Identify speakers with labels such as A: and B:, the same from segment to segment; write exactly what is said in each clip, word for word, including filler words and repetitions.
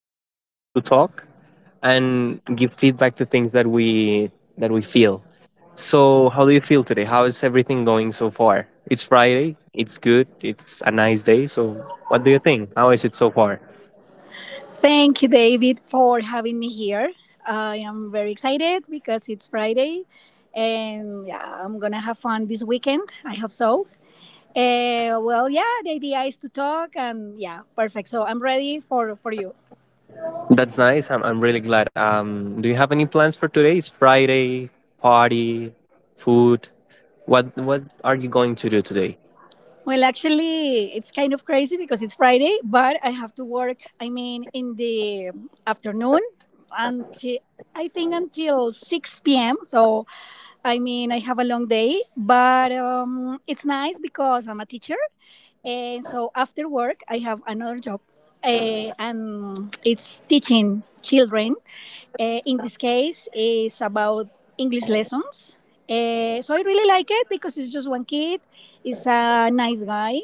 A: have like a space to talk and give feedback to things that we that we feel. So, how do you feel today? How is everything going so far? It's Friday. It's good. It's a nice day. So, what do you think? How is it so far?
B: Thank you, David, for having me here. I am very excited because it's Friday and yeah, I'm gonna have fun this weekend. I hope so. Uh, well, yeah, the idea is to talk and yeah, perfect. So I'm ready for, for you.
A: That's nice. I'm, I'm really glad. Um, do you have any plans for today? It's Friday. Party, food. What what are you going to do today?
B: Well, actually, it's kind of crazy because it's Friday, but I have to work. I mean, in the afternoon until I think until six p m. So, I mean, I have a long day, but um, it's nice because I'm a teacher, and so after work I have another job, uh, and it's teaching children. Uh, in this case, it's about English lessons. Uh, so I really like it because it's just one kid. He's a nice guy,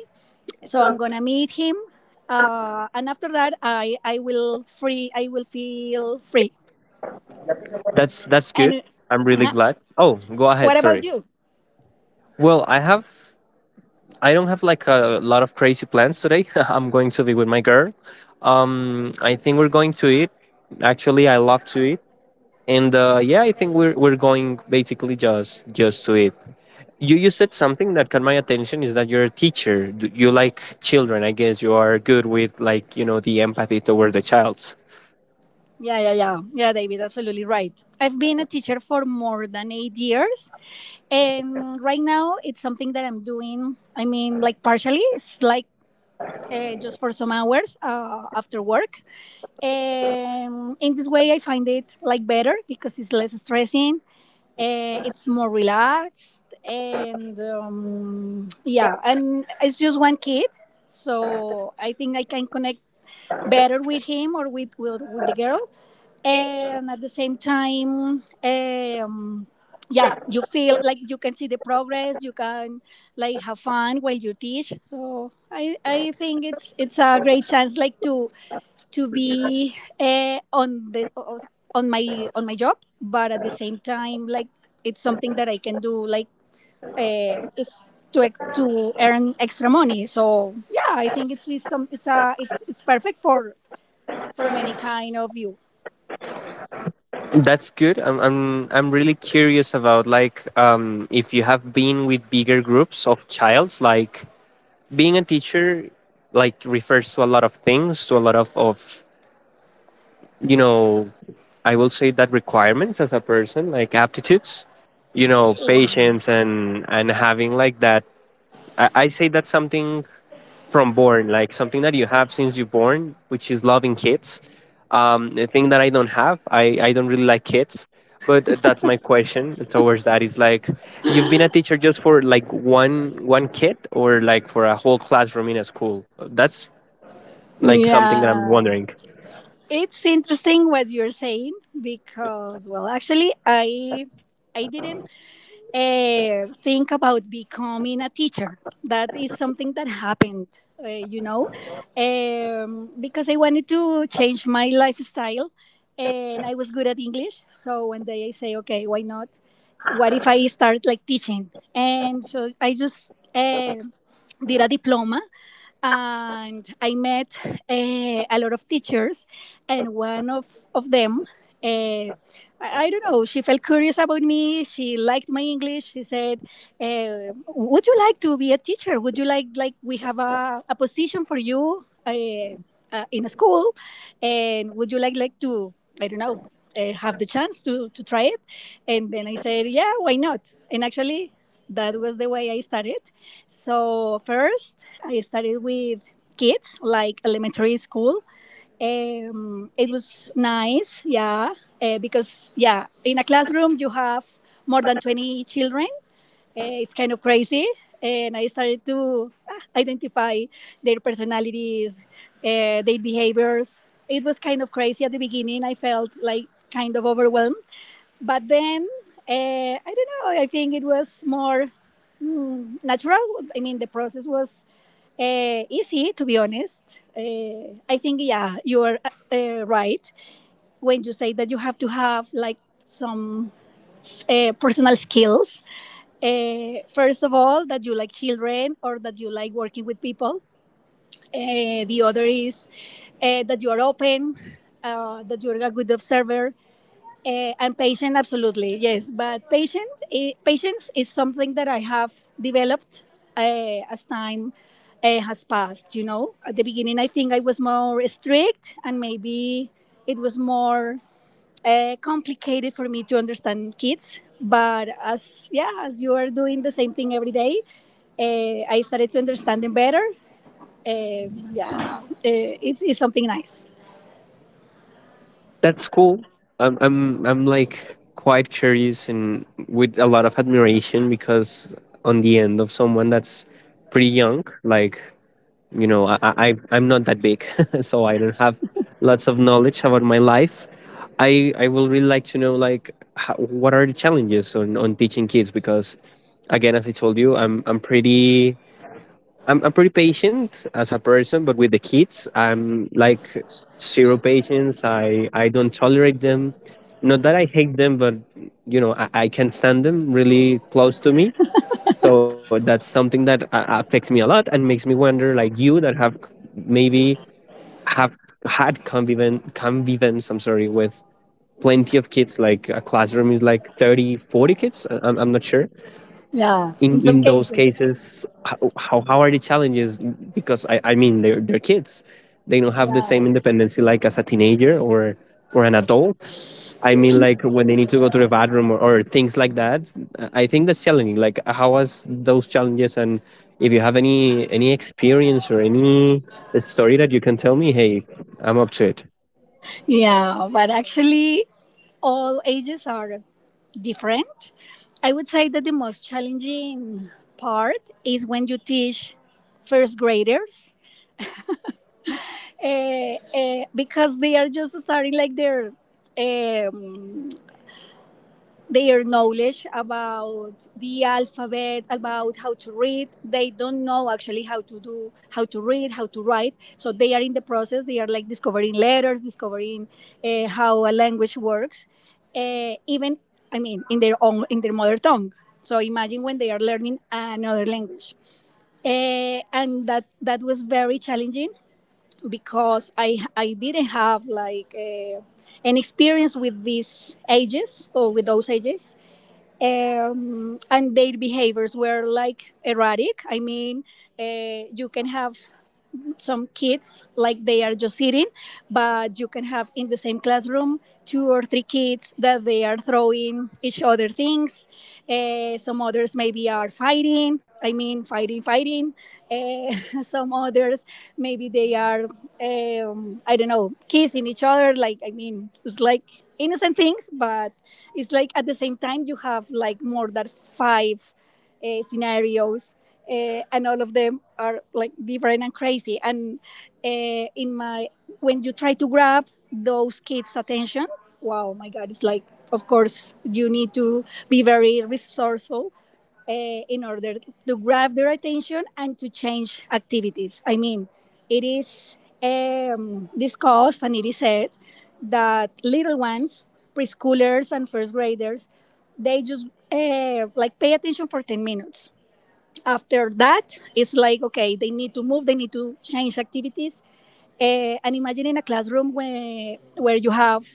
B: so I'm gonna meet him, uh, and after that i i will free, I will feel free.
A: That's that's good.
B: And
A: I'm really glad. Oh, go ahead.
B: what about
A: Sorry.
B: you?
A: Well, I have. I don't have like a lot of crazy plans today. I'm going to be with my girl. Um, I think we're going to eat. Actually, I love to eat, and uh, yeah, I think we're we're going basically just just to eat. You you said something that caught my attention is that you're a teacher. D- You like children. I guess you are good with, like, you know, the empathy toward the child.
B: Yeah yeah yeah yeah David, absolutely right. I've been a teacher for more than eight years, and right now it's something that I'm doing. I mean, like partially, it's like uh, just for some hours uh, after work, and in this way I find it like better because it's less stressing. Uh, it's more relaxed, and um, yeah, and it's just one kid, so I think I can connect better with him, or with with, with the girl. And at the same time, um, yeah, you feel like you can see the progress, you can like have fun while you teach. So i i think it's it's a great chance, like to to be uh, on the o- o- on my on my job, but at the same time, like it's something that I can do, like uh, it's to ex- to earn extra money. So yeah, I think it's, it's some it's a it's it's perfect for from any kind of view.
A: That's good. I'm I'm I'm really curious about, like, um if you have been with bigger groups of childs. Like, being a teacher like refers to a lot of things, to a lot of, of you know, I will say that requirements as a person, like aptitudes, you know,
B: Wow.
A: patience and and having like that I, I say that's something from born, like something that you have since you're born, which is loving kids. Um, the thing that I don't have, I, I don't really like kids. But that's my question towards that is like, you've been a teacher just for like one one kid or like for a whole classroom in a school. That's like something that I'm
B: Yeah,
A: wondering.
B: it's interesting what you're saying because well, actually, i i didn't uh, think about becoming a teacher. That is something that happened, uh, you know, um, because I wanted to change my lifestyle and I was good at English. So one day I say, okay, why not? What if I start like teaching? And so I just uh, did a diploma, and I met uh, a lot of teachers, and one of, of them. uh, I, I don't know. She felt curious about me. She liked my English. She said, uh, "Would you like to be a teacher? Would you like like we have a, a position for you uh, uh, in a school, and would you like like to, I don't know, uh, have the chance to to try it?" And then I said, "Yeah, why not?" And actually, that was the way I started. So first, I started with kids, like elementary school. Um, it was nice, yeah, uh, because yeah, in a classroom you have more than twenty children. Uh, it's kind of crazy, and I started to ah, identify their personalities, uh, their behaviors. It was kind of crazy at the beginning. I felt like kind of overwhelmed, but then, uh, I don't know, I think it was more mm, natural. I mean, the process was uh, easy, to be honest. Uh, I think, yeah, you are uh, right when you say that you have to have like some uh, personal skills. Uh, first of all, that you like children or that you like working with people. Uh, the other is uh, that you are open, uh, that you are a good observer, uh, and patient, absolutely, yes. But patient, I patience is something that I have developed uh, as time uh, has passed. You know, at the beginning, I think I was more strict, and maybe it was more uh, complicated for me to understand kids. But as yeah, as you are doing the same thing every day, uh, I started to understand them better. Uh, yeah, uh, it's, it's something nice.
A: That's cool. I'm I'm I'm like quite curious and with a lot of admiration because on the end of someone that's pretty young, like you know I, I I- I'm not that big so I don't have lots of knowledge about my life i i will really like to know like how, what are the challenges on, on teaching kids because again as I told you i'm i'm pretty I'm, I'm pretty patient as a person but with the kids I'm like zero patience i i don't tolerate them, not that I hate them but you know i, I can stand them really close to me, so that's something that uh, affects me a lot and makes me wonder, like you that have c- maybe have had conviven convivence, I'm sorry, with plenty of kids, like a classroom is like thirty, forty kids. I- I'm, I'm not sure
B: Yeah,
A: in,
B: in some
A: in those
B: cases.
A: cases how, how how are the challenges because i, I mean they're, they're kids, they don't have the same independency like as a teenager or or an adult. I mean like when they need to go to the bathroom or, or things like that. I think that's challenging, like how was those challenges and if you have any any experience or any story that you can tell me, hey, I'm up to it.
B: Yeah, but actually, all ages are different. I would say that the most challenging part is when you teach first graders, uh, uh, because they are just starting like their, um, their knowledge about the alphabet, about how to read. They don't know actually how to do, how to read, how to write, so they are in the process. They are like discovering letters, discovering uh, how a language works, uh, even I mean in their own, in their mother tongue. So imagine when they are learning another language. Eh, and that that was very challenging because i i didn't have like eh, an experience with these ages or with those ages, um, and their behaviors were like erratic. I mean, uh, you can have some kids like they are just sitting, but you can have in the same classroom two or three kids that they are throwing each other things. Eh, some others maybe are fighting. I mean, fighting, fighting. Eh, some others maybe they are, um, I don't know, kissing each other. Like I mean, it's like innocent things, but it's like at the same time you have like more than five uh, scenarios, uh, and all of them are like different and crazy. And uh, in my When you try to grab those kids' attention, wow, my God, it's like, of course you need to be very resourceful uh, in order to grab their attention and to change activities. I mean, it is um, discussed and it is said that little ones, preschoolers and first graders, they just uh, like pay attention for ten minutes. After that it's like okay, they need to move, they need to change activities. Uh, and imagine in a classroom where where you have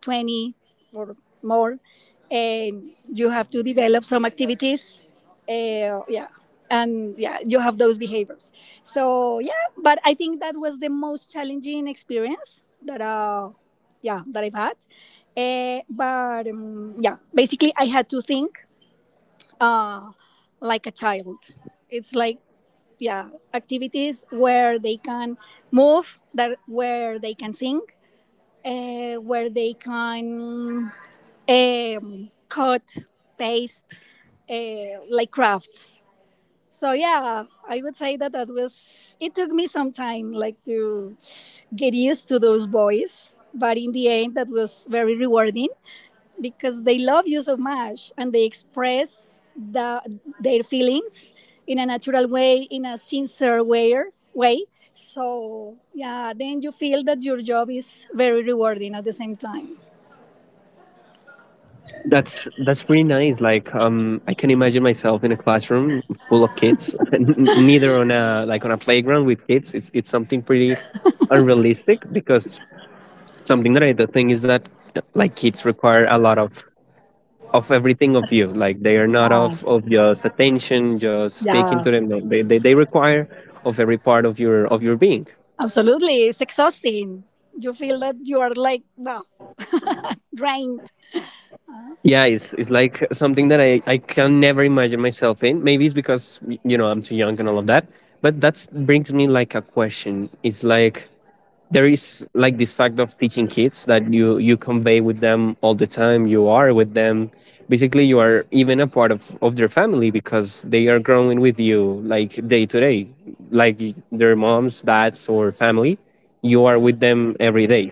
B: twenty or more, and you have to develop some activities. Uh, yeah, and yeah, you have those behaviors. So yeah, but I think that was the most challenging experience that uh yeah, that I've had. Uh, but um, Yeah, basically I had to think uh like a child. It's like, yeah, activities where they can move, that where they can sing, uh, where they can, um, cut, paste, uh, like crafts. So yeah, I would say that that was, it took me some time like to get used to those boys, but in the end that was very rewarding because they love you so much and they express the, their feelings in a natural way, in a sincere way, way. So, yeah, then you feel that your job is very rewarding at the same time.
A: That's that's pretty nice. Like, um, I can imagine myself in a classroom full of kids, n- neither on a like on a playground with kids. It's it's something pretty unrealistic because something that I the thing is that uh, like kids require a lot of of everything of you. Like they are not of of just attention, just speaking
B: Yeah.
A: to them. No, they, they they require of every part of your of your being.
B: Absolutely. It's exhausting. You feel that you are like, well, drained.
A: Yeah, it's it's like something that I I can never imagine myself in. Maybe it's because y- you know I'm too young and all of that. But that brings me like a question. It's like there is like this fact of teaching kids that you you convey with them all the time. You are with them. Basically, you are even a part of of their family because they are growing with you like day to day, like y- their moms, dads, or family. You are with them every day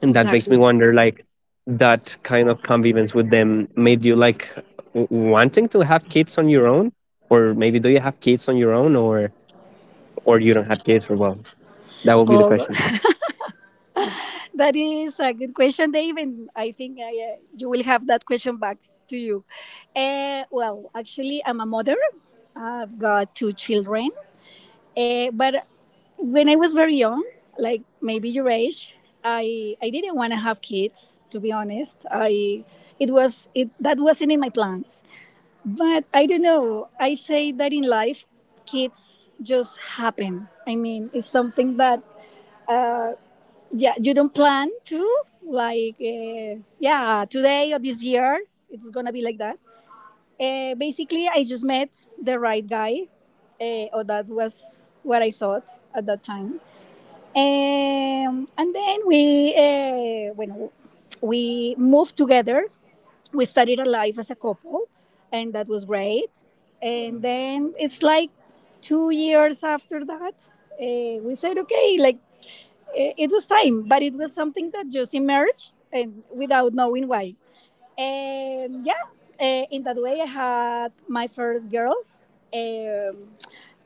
A: and that makes me
B: Exactly.
A: wonder like that kind of convivence with them made you like w- wanting to have kids on your own or maybe do you have kids on your own or or you don't have kids or well that will be the
B: Oh,
A: question
B: that is a good question, Dave, and I think I, uh, you will have that question back to you. Uh, well, actually, I'm a mother. I've got two children, uh, but when I was very young, like maybe your age, I I didn't want to have kids. To be honest, I it was it that wasn't in my plans. But I don't know. I say that in life, kids just happen. I mean, it's something that. Uh, yeah, you don't plan to like uh, yeah, today or this year it's gonna be like that. Uh, basically, I just met the right guy, uh, or that was what I thought at that time. Um, and then we uh, when we moved together, we started a life as a couple, and that was great. And then it's like two years after that uh, we said okay, like it, it was time, but it was something that just emerged and without knowing why. And yeah, uh, in that way, I had my first girl. Um,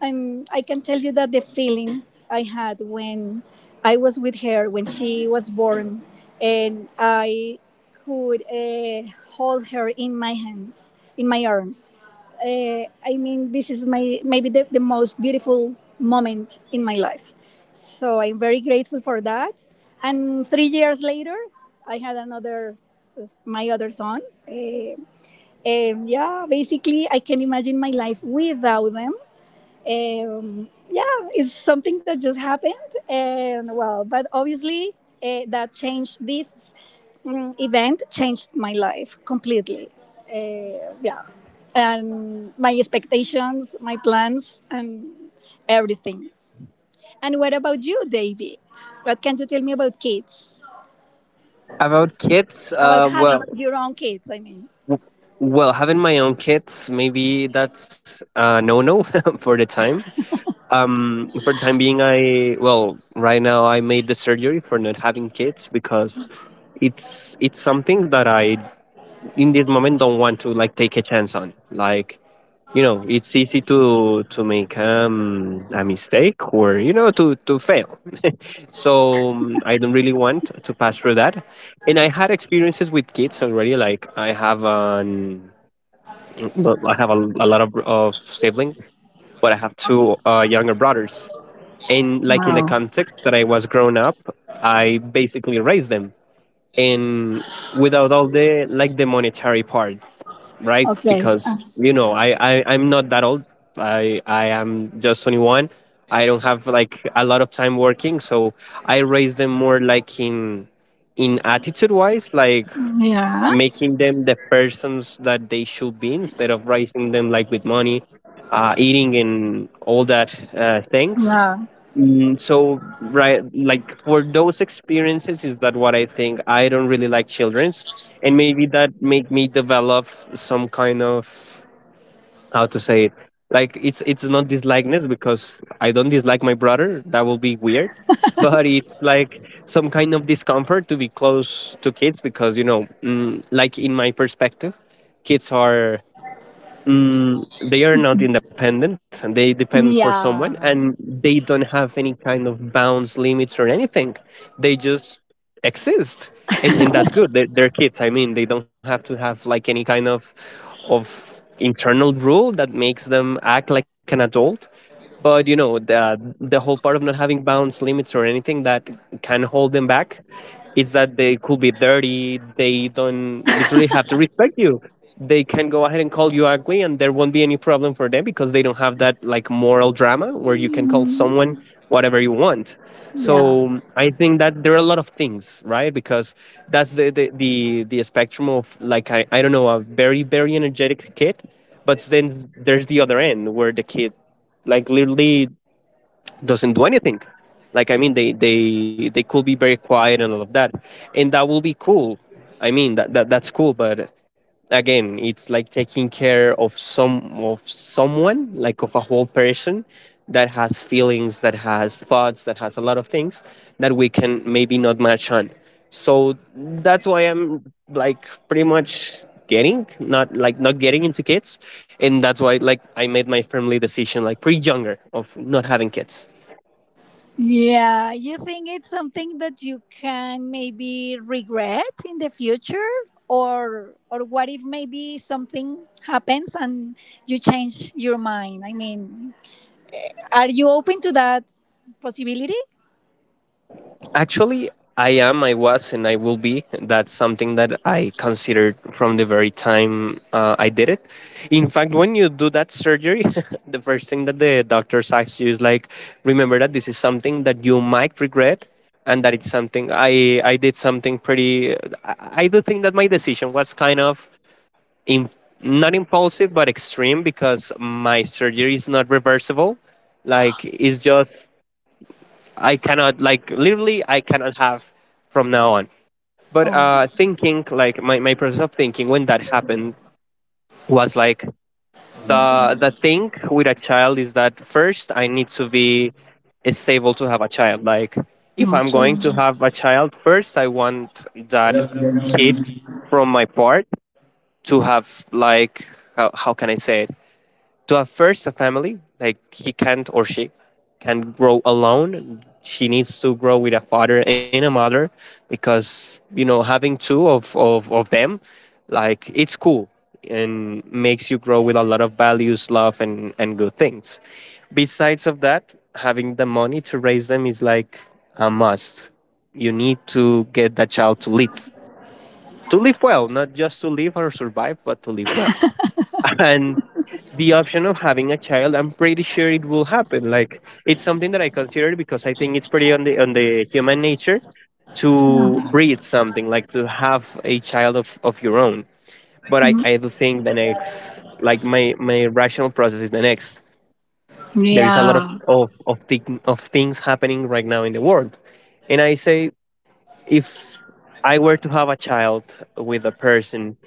B: and I can tell you that the feeling I had when I was with her when she was born, and I could uh, hold her in my hands, in my arms. Uh, I mean, this is my, maybe the, the most beautiful moment in my life. So I'm very grateful for that. And three years later, I had another, my other son. Uh, and yeah, basically, I can imagine my life without them. Um, yeah, it's something that just happened, and well, but obviously uh, that changed this mm, event changed my life completely. Uh, yeah, and my expectations, my plans, and everything. And what about you, David? What can you tell me about kids?
A: about kids,
B: About
A: uh, well,
B: having your own kids, I mean.
A: well having my own kids maybe that's uh, no, no for the time, um for the time being, I well right now I made the surgery for not having kids because it's it's something that I in this moment don't want to like take a chance on, like you know it's easy to to make um, a mistake or you know to to fail so um, I don't really want to pass through that and I had experiences with kids already, like I have an, well, I have a, a lot of, of siblings but I have two uh, younger brothers and like in the context that I was grown up I basically raised them and without all the like the monetary part, right?
B: Okay. Uh,
A: Because you know, I, I I'm not that old. I I am just twenty-one. I don't have like a lot of time working, so I raise them more like in in attitude wise, like
B: yeah.
A: making them the persons that they should be instead of raising them like with money, uh, eating and all that uh, things.
B: Yeah.
A: Mm, so right like for those experiences is that what I think I don't really like children's and maybe that make me develop some kind of, how to say it, like it's it's not dislikeness because I don't dislike my brother, that will be weird, but it's like some kind of discomfort to be close to kids because you know, mm, like in my perspective kids are, mm, they are not independent and they depend for someone and
B: Yeah.
A: they don't have any kind of bounds limits or anything, they just exist, and, and that's good, they're, they're kids. I mean they don't have to have like any kind of of internal rule that makes them act like an adult, but you know the the whole part of not having bounds limits or anything that can hold them back is that they could be dirty, they don't literally have to respect you, they can go ahead and call you ugly and there won't be any problem for them because they don't have that like moral drama where you can call someone whatever you want.
B: Yeah.
A: So I think that there are a lot of things, right? Because that's the the the, the spectrum of like I, I don't know, a very very energetic kid, but then there's the other end where the kid like literally doesn't do anything. Like I mean, they they they could be very quiet and all of that, and that will be cool. I mean, that, that that's cool, but again, it's like taking care of some of someone, like of a whole person that has feelings, that has thoughts, that has a lot of things that we can maybe not match on. So that's why I'm like pretty much getting not like not getting into kids, and that's why like I made my family decision like pretty younger of not having kids.
B: Yeah, you think it's something that you can maybe regret in the future, or or what if maybe something happens and you change your mind? I mean, are you open to that possibility?
A: Actually, I am, I was, and I will be. That's something that I considered from the very time uh, I did it. In fact, when you do that surgery, the first thing that the doctors ask you is like, remember that this is something that you might regret, and that it's something I, I did something pretty. I, I do think that my decision was kind of in, not impulsive, but extreme because my surgery is not reversible, like it's just I cannot, like literally I cannot have from now on. But
B: Oh,
A: uh thinking like my, my process of thinking when that happened was like the the thing with a child is that first I need to be stable to have a child. Like if I'm going to
B: absolutely.
A: have a child, first I want that kid
B: Mm-hmm.
A: from my part to have like, how, how can I say it, to have first a family, like he can't or she can't grow alone, she needs to grow with a father and a mother because you know having two of, of, of them like it's cool and makes you grow with a lot of values, love and, and good things. Besides of that, having the money to raise them is like a must, you need to get that child to live, to live well, not just to live or survive, but to live well and the option of having a child, I'm pretty sure it will happen. Like it's something that I considered because I think it's pretty on the on the human nature to breed something, like to have a child of, of your own. But I, I do think the next, like my, my rational process, is the next. There is a lot of,
B: Yeah.
A: of, of, thing, of things happening right now in the world. And I say, if I were to have a child with a person,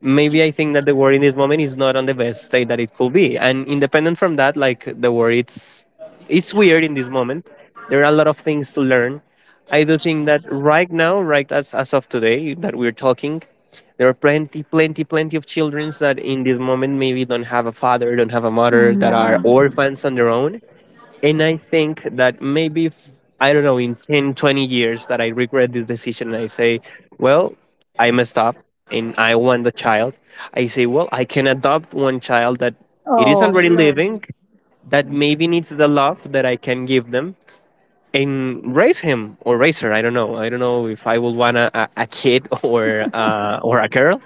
A: maybe I think that the world in this moment is not on the best state that it could be. And independent from that, like the world, it's it's weird in this moment. There are a lot of things to learn. I do think that right now, right as as of today that we're talking, there are plenty, plenty, plenty of children that in this moment maybe don't have a father, don't have a
B: Oh,
A: mother, that are
B: yeah.
A: orphans on their own, and I think that maybe, if, I don't know, in ten, twenty years that I regret this decision, I say, well, I messed up and I want the child. I say, well, I can adopt one child that it
B: Oh,
A: is already
B: lovely.
A: living, that maybe needs the love that I can give them, and raise him or raise her. i don't know I don't know if I will want a, a a kid or uh, or a girl.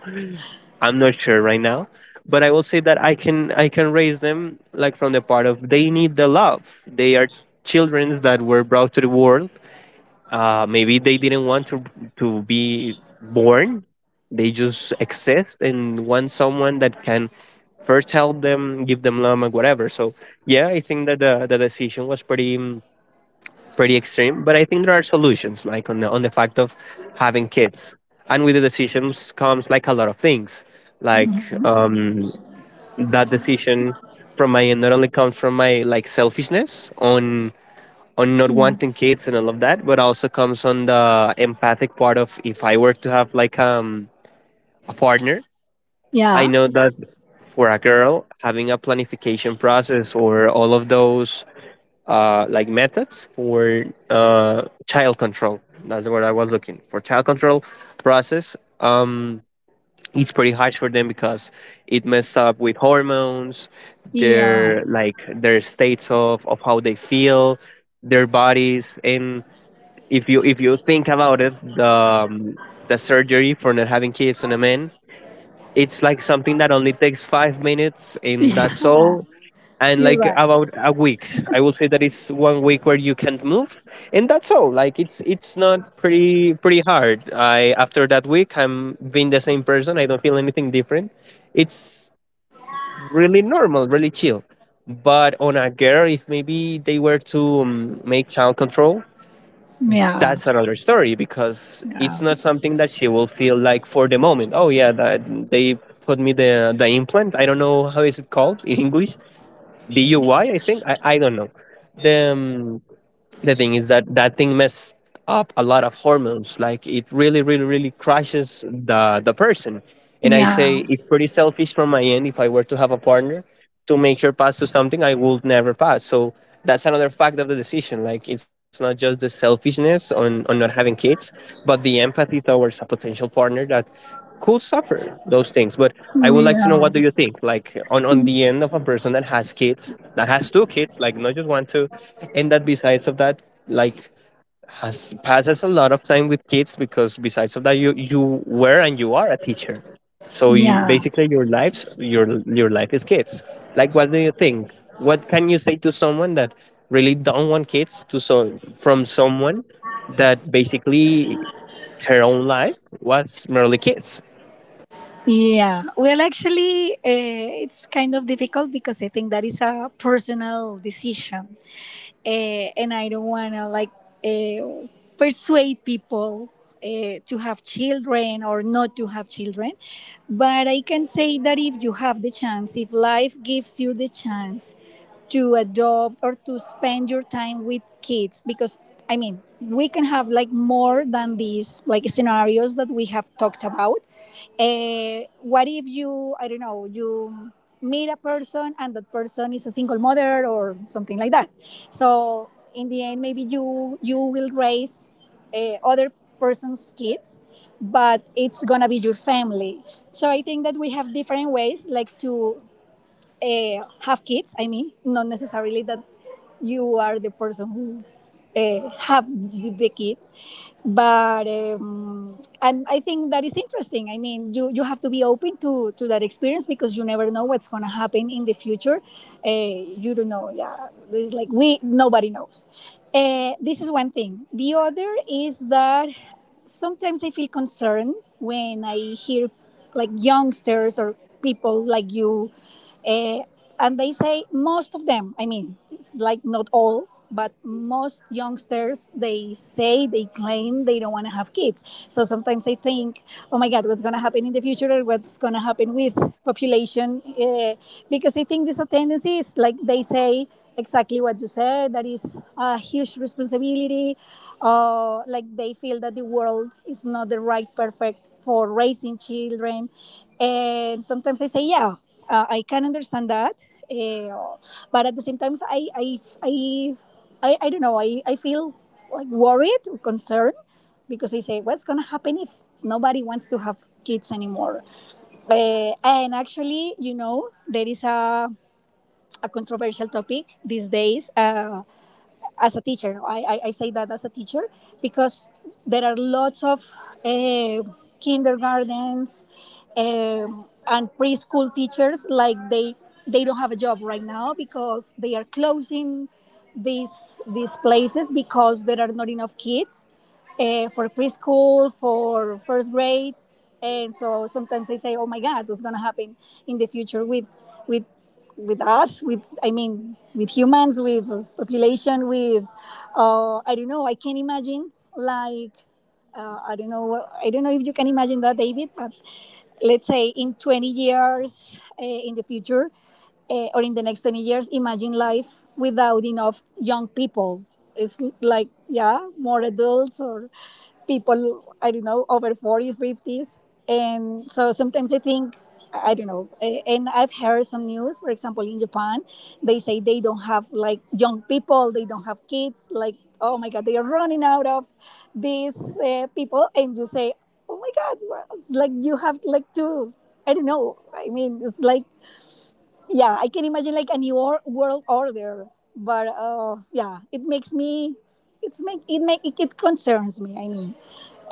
A: I'm not sure right now, but I will say that I can I can raise them, like, from the part of they need the love. They are children that were brought to the world. Uh, maybe they didn't want to to be born. They just exist and want someone that can first help them, give them love, and whatever. So yeah, I think that the, the decision was pretty pretty extreme, but I think there are solutions, like on the on the fact of having kids, and with the decisions comes like a lot of things, like um, that decision from my end not only comes from my, like, selfishness on on not
B: Yeah.
A: wanting kids and all of that, but also comes on the empathic part of if I were to have like um a partner. I
B: Yeah.
A: know that for a girl, having a planification process or all of those, uh, like, methods for uh, child control. That's the word I was looking for. Child control process. Um, it's pretty hard for them because it messed up with hormones,
B: Yeah.
A: their, like, their states of, of how they feel, their bodies, and if you if you think about it, the um, the surgery for not having kids on a man, it's like something that only takes five minutes, and that's
B: Yeah.
A: all. And,
B: You're
A: like,
B: right.
A: about a week, I will say that it's one week where you can't move, and that's all. Like it's it's not pretty pretty hard. I After that week, I'm being the same person, I don't feel anything different. It's really normal, really chill. But on a girl, if maybe they were to um, make child control,
B: Yeah.
A: that's another story, because it's
B: Yeah.
A: not something that she will feel, like, for the moment, oh, yeah, that they put me the the implant. I don't know how is it called in English, D U I, I I think. I, I don't know. The, um, the thing is that that thing messed up a lot of hormones. Like, it really, really, really crushes the, the person. And I
B: Yeah.
A: say it's pretty selfish from my end, if I were to have a partner, to make her pass to something I would never pass. So that's another fact of the decision. Like, it's not just the selfishness on, on not having kids, but the empathy towards a potential partner that could suffer those things. But I would like to know,
B: Yeah.
A: what do you think? Like, on, on the end of a person that has kids, that has two kids, like, not just one, two, and that, besides of that, like, has passes a lot of time with kids, because besides of that, you you were and you are a teacher, so you,
B: Yeah.
A: basically, your lives your your life is kids. Like, what do you think? What can you say to someone that really don't want kids, to so, from someone that basically her own life was merely kids?
B: Yeah, well, actually, uh, it's kind of difficult because I think that is a personal decision, uh, and I don't want to like uh, persuade people uh, to have children or not to have children. But I can say that if you have the chance, if life gives you the chance to adopt or to spend your time with kids, because I mean, we can have like more than these like scenarios that we have talked about uh, what if you, I don't know, you meet a person and that person is a single mother or something like that. So in the end, maybe you you will raise uh, other person's kids, but it's gonna be your family. So I think that we have different ways, like to uh, have kids. I mean, not necessarily that you are the person who uh, have the, kids, but um, and I think that is interesting. I mean, you you have to be open to to that experience because you never know what's gonna happen in the future. Uh, you don't know. Yeah, it's like we nobody knows. Uh, this is one thing. The other is that sometimes I feel concerned when I hear like youngsters or people like you. Eh, and they say most of them, I mean, it's like not all, but most youngsters, they say, they claim they don't want to have kids. So sometimes I think, oh my God, what's going to happen in the future, or what's going to happen with population? Uh, because I think this tendency is like they say exactly what you said, that is a huge responsibility. Uh, like they feel that the world is not the right perfect for raising children. And sometimes I say, yeah, uh, I can understand that, uh, but at the same time, I I I I, I don't know. I, I feel like worried or concerned because I say, what's gonna happen if nobody wants to have kids anymore? Uh, and actually, you know, there is a a controversial topic these days. Uh, as a teacher. I, I, I say that as a teacher because there are lots of uh, kindergartens um, and preschool teachers, like they they don't have a job right now because they are closing these these places because there are not enough kids, uh, for preschool, for first grade. And so sometimes they say, oh my God, what's going to happen in the future with with with us, with I mean, with humans, with population, with uh, I don't know. I can not imagine, like uh, I don't know. I don't know if you can imagine that, David. But let's say in twenty years, uh, in the future, uh, or in the next twenty years, imagine life without enough young people. It's like, yeah, more adults or people, I don't know, over forties, fifties. And so sometimes I think, I don't know. A- and I've heard some news, for example in Japan, they say they don't have like young people, they don't have kids, like, oh my God, they are running out of these uh, people. And you say, oh my God, it's like you have like to, I don't know, I mean, it's like, yeah, I can imagine like a new or- world order. But uh, yeah, it makes me, it's make it make it concerns me, I mean,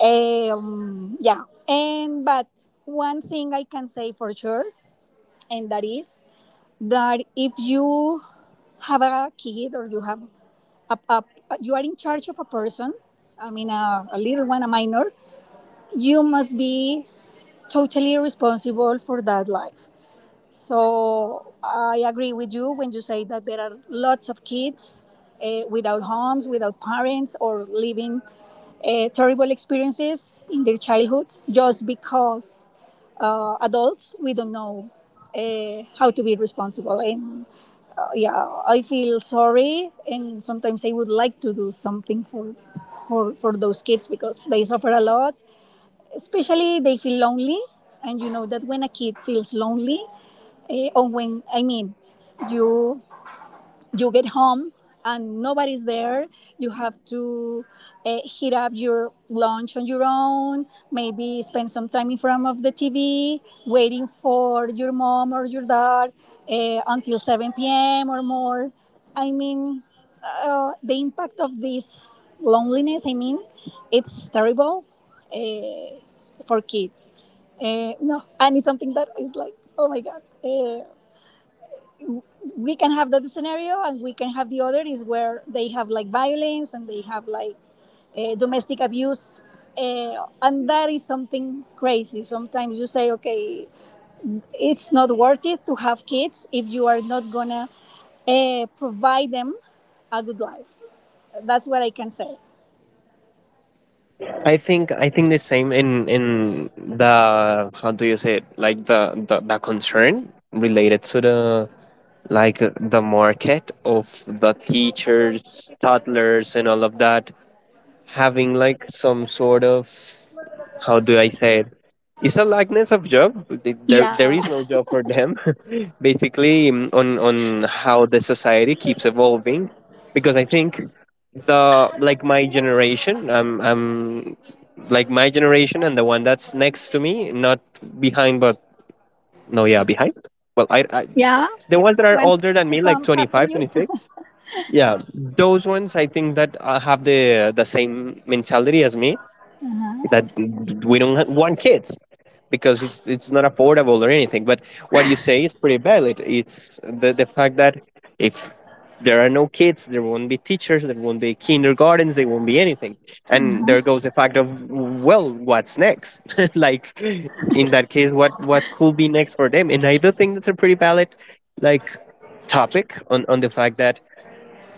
B: um, yeah. And but one thing I can say for sure, and that is that if you have a kid or you have a, a you are in charge of a person, I mean a, a little one, a minor, you must be totally responsible for that life. So I agree with you when you say that there are lots of kids uh, without homes, without parents, or living uh, terrible experiences in their childhood, just because uh, adults, we don't know uh, how to be responsible. And uh, yeah, I feel sorry, and sometimes I would like to do something for for for those kids because they suffer a lot, especially they feel lonely. And you know that when a kid feels lonely, uh, or when, I mean, you you get home and nobody's there, you have to uh, heat up your lunch on your own, maybe spend some time in front of the TV waiting for your mom or your dad, uh, until seven p m p.m or more. I mean, uh, the impact of this loneliness, I mean, it's terrible, uh, for kids. Uh, no, and it's something that is like, oh my God. Uh, we can have that scenario, and we can have the other, is where they have like violence and they have like uh, domestic abuse. Uh, and that is something crazy. Sometimes you say, okay, it's not worth it to have kids if you are not gonna uh, provide them a good life. That's what I can say.
A: I think I think the same in in the, how do you say it, like the the, the concern related to the, like, the market of the teachers, toddlers, and all of that, having like some sort of, how do I say it? It's a likeness of job. Th- There, there
B: Yeah,
A: is no job for them. Basically, mm, on on how the society keeps evolving, because I think the like, my generation, I'm I'm like, my generation and the one that's next to me, not behind, but no, yeah, behind. Well, I, I
B: yeah.
A: the ones that are
B: Once
A: older than
B: who
A: me, like
B: comes after
A: twenty-five,
B: you.
A: twenty-six. Yeah, those ones, I think that uh, have the the same mentality as me, that we don't ha- want kids because it's it's not affordable or anything. But what you say is pretty valid. It's the the fact that if there are no kids, there won't be teachers, there won't be kindergartens, there won't be anything. And there goes the fact of, well, what's next? Like, in that case, what what could be next for them? And I do think that's a pretty valid, like, topic on on the fact that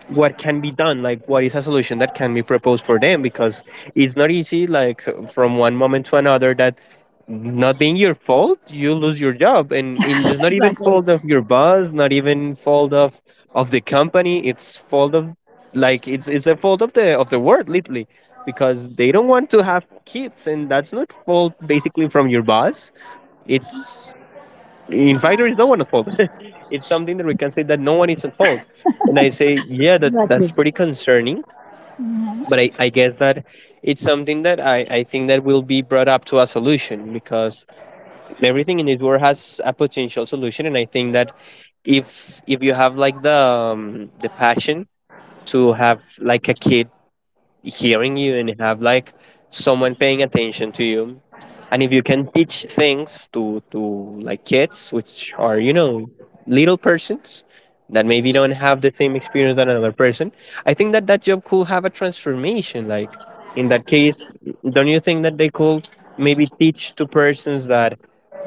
A: what can be done, like, what is a solution that can be proposed for them, because it's not easy, like from one moment to another that, not being your fault, you lose your job, and, and it's not even
B: Exactly.
A: fault of your boss, not even fault of of the company. It's fault of like, it's it's a fault of the of the world, literally, because they don't want to have kids, and that's not fault basically from your boss. It's inviter is no one at fault. It's something that we can say that no one is at fault. And I say, yeah, that that's pretty concerning. But I, I guess that it's something that I, I think that will be brought up to a solution, because everything in this world has a potential solution. And I think that if if you have, like, the um, the passion to have, like, a kid hearing you and have, like, someone paying attention to you, and if you can teach things to to like kids, which are, you know little persons, that maybe don't have the same experience than another person, I think that that job could have a transformation, like, in that case, don't you think that they could maybe teach to persons that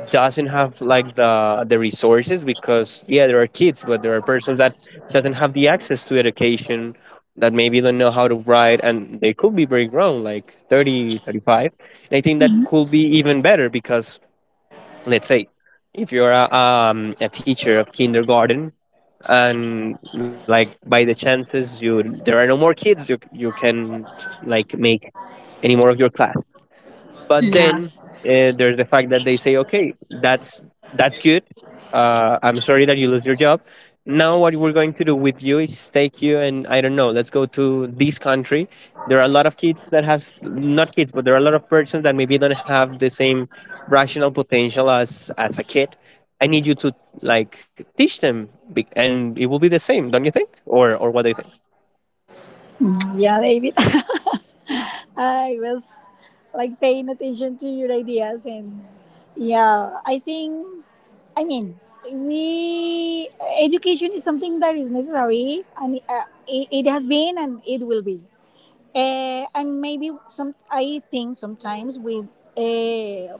A: doesn't have, like, the the resources, because yeah, there are kids, but there are persons that doesn't have the access to education, that maybe don't know how to write, and they could be very grown, like, thirty, thirty-five. And I think that could be even better, because let's say if you're a, um, a teacher of kindergarten, and like, by the chances you there are no more kids, you you can, like, make any more of your class. But then, uh, there's the fact that they say, okay, that's that's good. Uh, I'm sorry that you lose your job. Now, what we're going to do with you is take you and, I don't know, let's go to this country. There are a lot of kids that has not kids, but there are a lot of persons that maybe don't have the same rational potential as as a kid. I need you to, like, teach them, be- and it will be the same, don't you think? Or or what do you think?
B: Mm, yeah, David. I was like paying attention to your ideas, and yeah, I think, I mean, we education is something that is necessary, and uh, it, it has been, and it will be. Uh, and maybe some, I think sometimes we uh,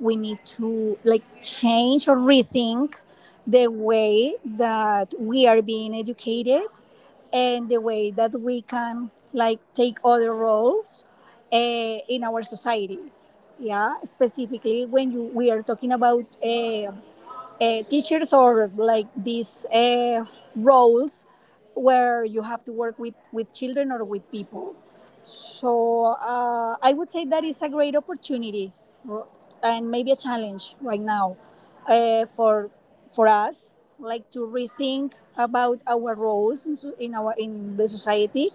B: we need to like change or rethink the way that we are being educated, and the way that we can like take other roles uh, in our society, yeah, specifically when you, we are talking about uh, uh, teachers, or like these uh, roles where you have to work with, with children or with people. So uh, I would say that is a great opportunity, r- and maybe a challenge right now, uh, for for us, like to rethink about our roles in, so- in our in the society,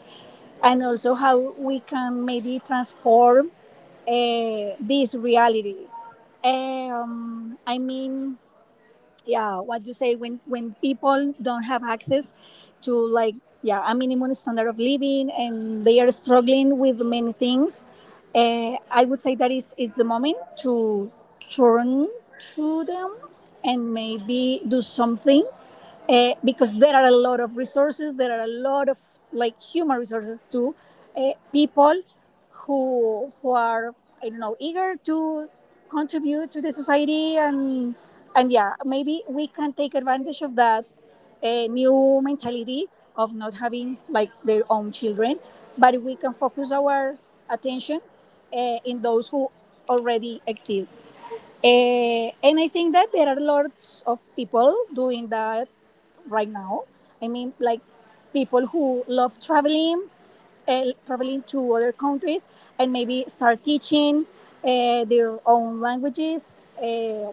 B: and also how we can maybe transform uh, this reality. Um, I mean, yeah, what you say, when when people don't have access to, like, yeah, a minimum standard of living and they are struggling with many things, uh, I would say that is is the moment to turn to them and maybe do something, uh, because there are a lot of resources, there are a lot of like human resources too, uh, people who who are, I don't know, eager to contribute to the society. And and yeah, maybe we can take advantage of that uh, new mentality of not having like their own children, but we can focus our attention uh, in those who already exist. Uh, and I think that there are lots of people doing that right now. I mean, like people who love traveling, uh, traveling to other countries, and maybe start teaching uh, their own languages, uh,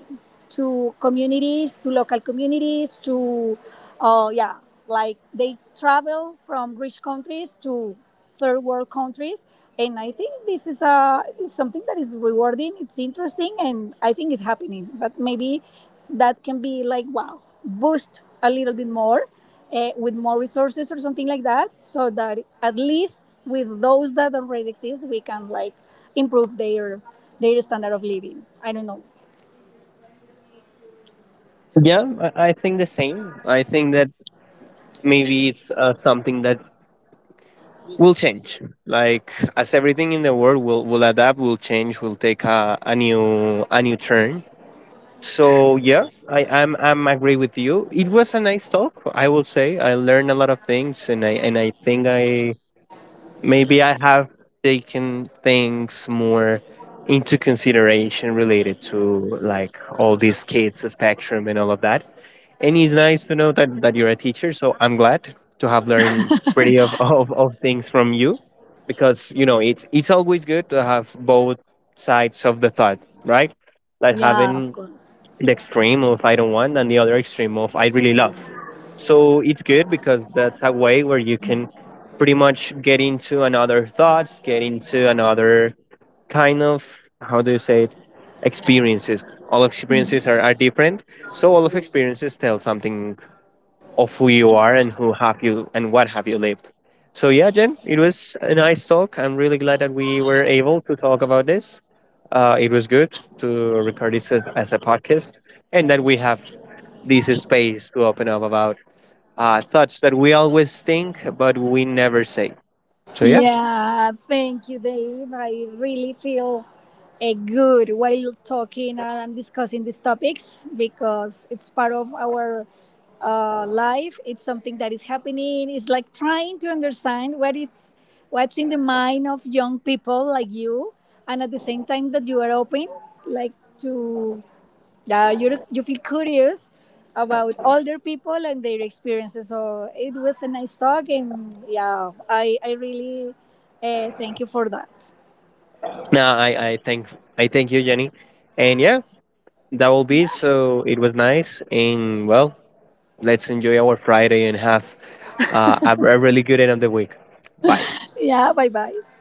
B: to communities, to local communities, to, uh, yeah, like they travel from rich countries to third world countries. And I think this is a is something that is rewarding. It's interesting, and I think it's happening. But maybe that can be like, wow, boost a little bit more, uh, with more resources or something like that, so that at least with those that already exist, we can like improve their their standard of living. I don't know.
A: Yeah, I I think the same. I think that maybe it's uh, something that will change, like, as everything in the world will will adapt, will change, will take a, a new a new turn. So yeah, i i'm i'm agree with you, it was a nice talk, I will say, I learned a lot of things, and i and i think I maybe I have taken things more into consideration related to, like, all these kids, the spectrum, and all of that. And it's nice to know that, that you're a teacher. So I'm glad to have learned pretty of, of, of things from you, because, you know, it's, it's always good to have both sides of the thought, right? Like,
B: Yeah, of
A: having
B: course.
A: the extreme of I don't want, and the other extreme of I really love. So it's good, because that's a way where you can pretty much get into another thoughts, get into another kind of, how do you say it, experiences. All experiences are, are different. So all of experiences tell something of who you are and who have you and what have you lived. So yeah, Jen, it was a nice talk. I'm really glad that we were able to talk about this. Uh, it was good to record this as as a podcast, and that we have this space to open up about uh, thoughts that we always think but we never say. So yeah,
B: Yeah, thank you, Dave. I really feel uh, good while talking and discussing these topics, because it's part of our uh, life. It's something that is happening. It's like trying to understand what is what's in the mind of young people like you, and at the same time that you are open, like, to, yeah, you you feel curious about older people and their experiences. So it was a nice talk, and yeah, I I really uh, thank you for that.
A: now I, I thank I thank you, Jenny, and yeah, that will be. So it was nice, and, well, let's enjoy our Friday and have uh, a a really good end of the week. Bye.
B: Yeah, bye bye.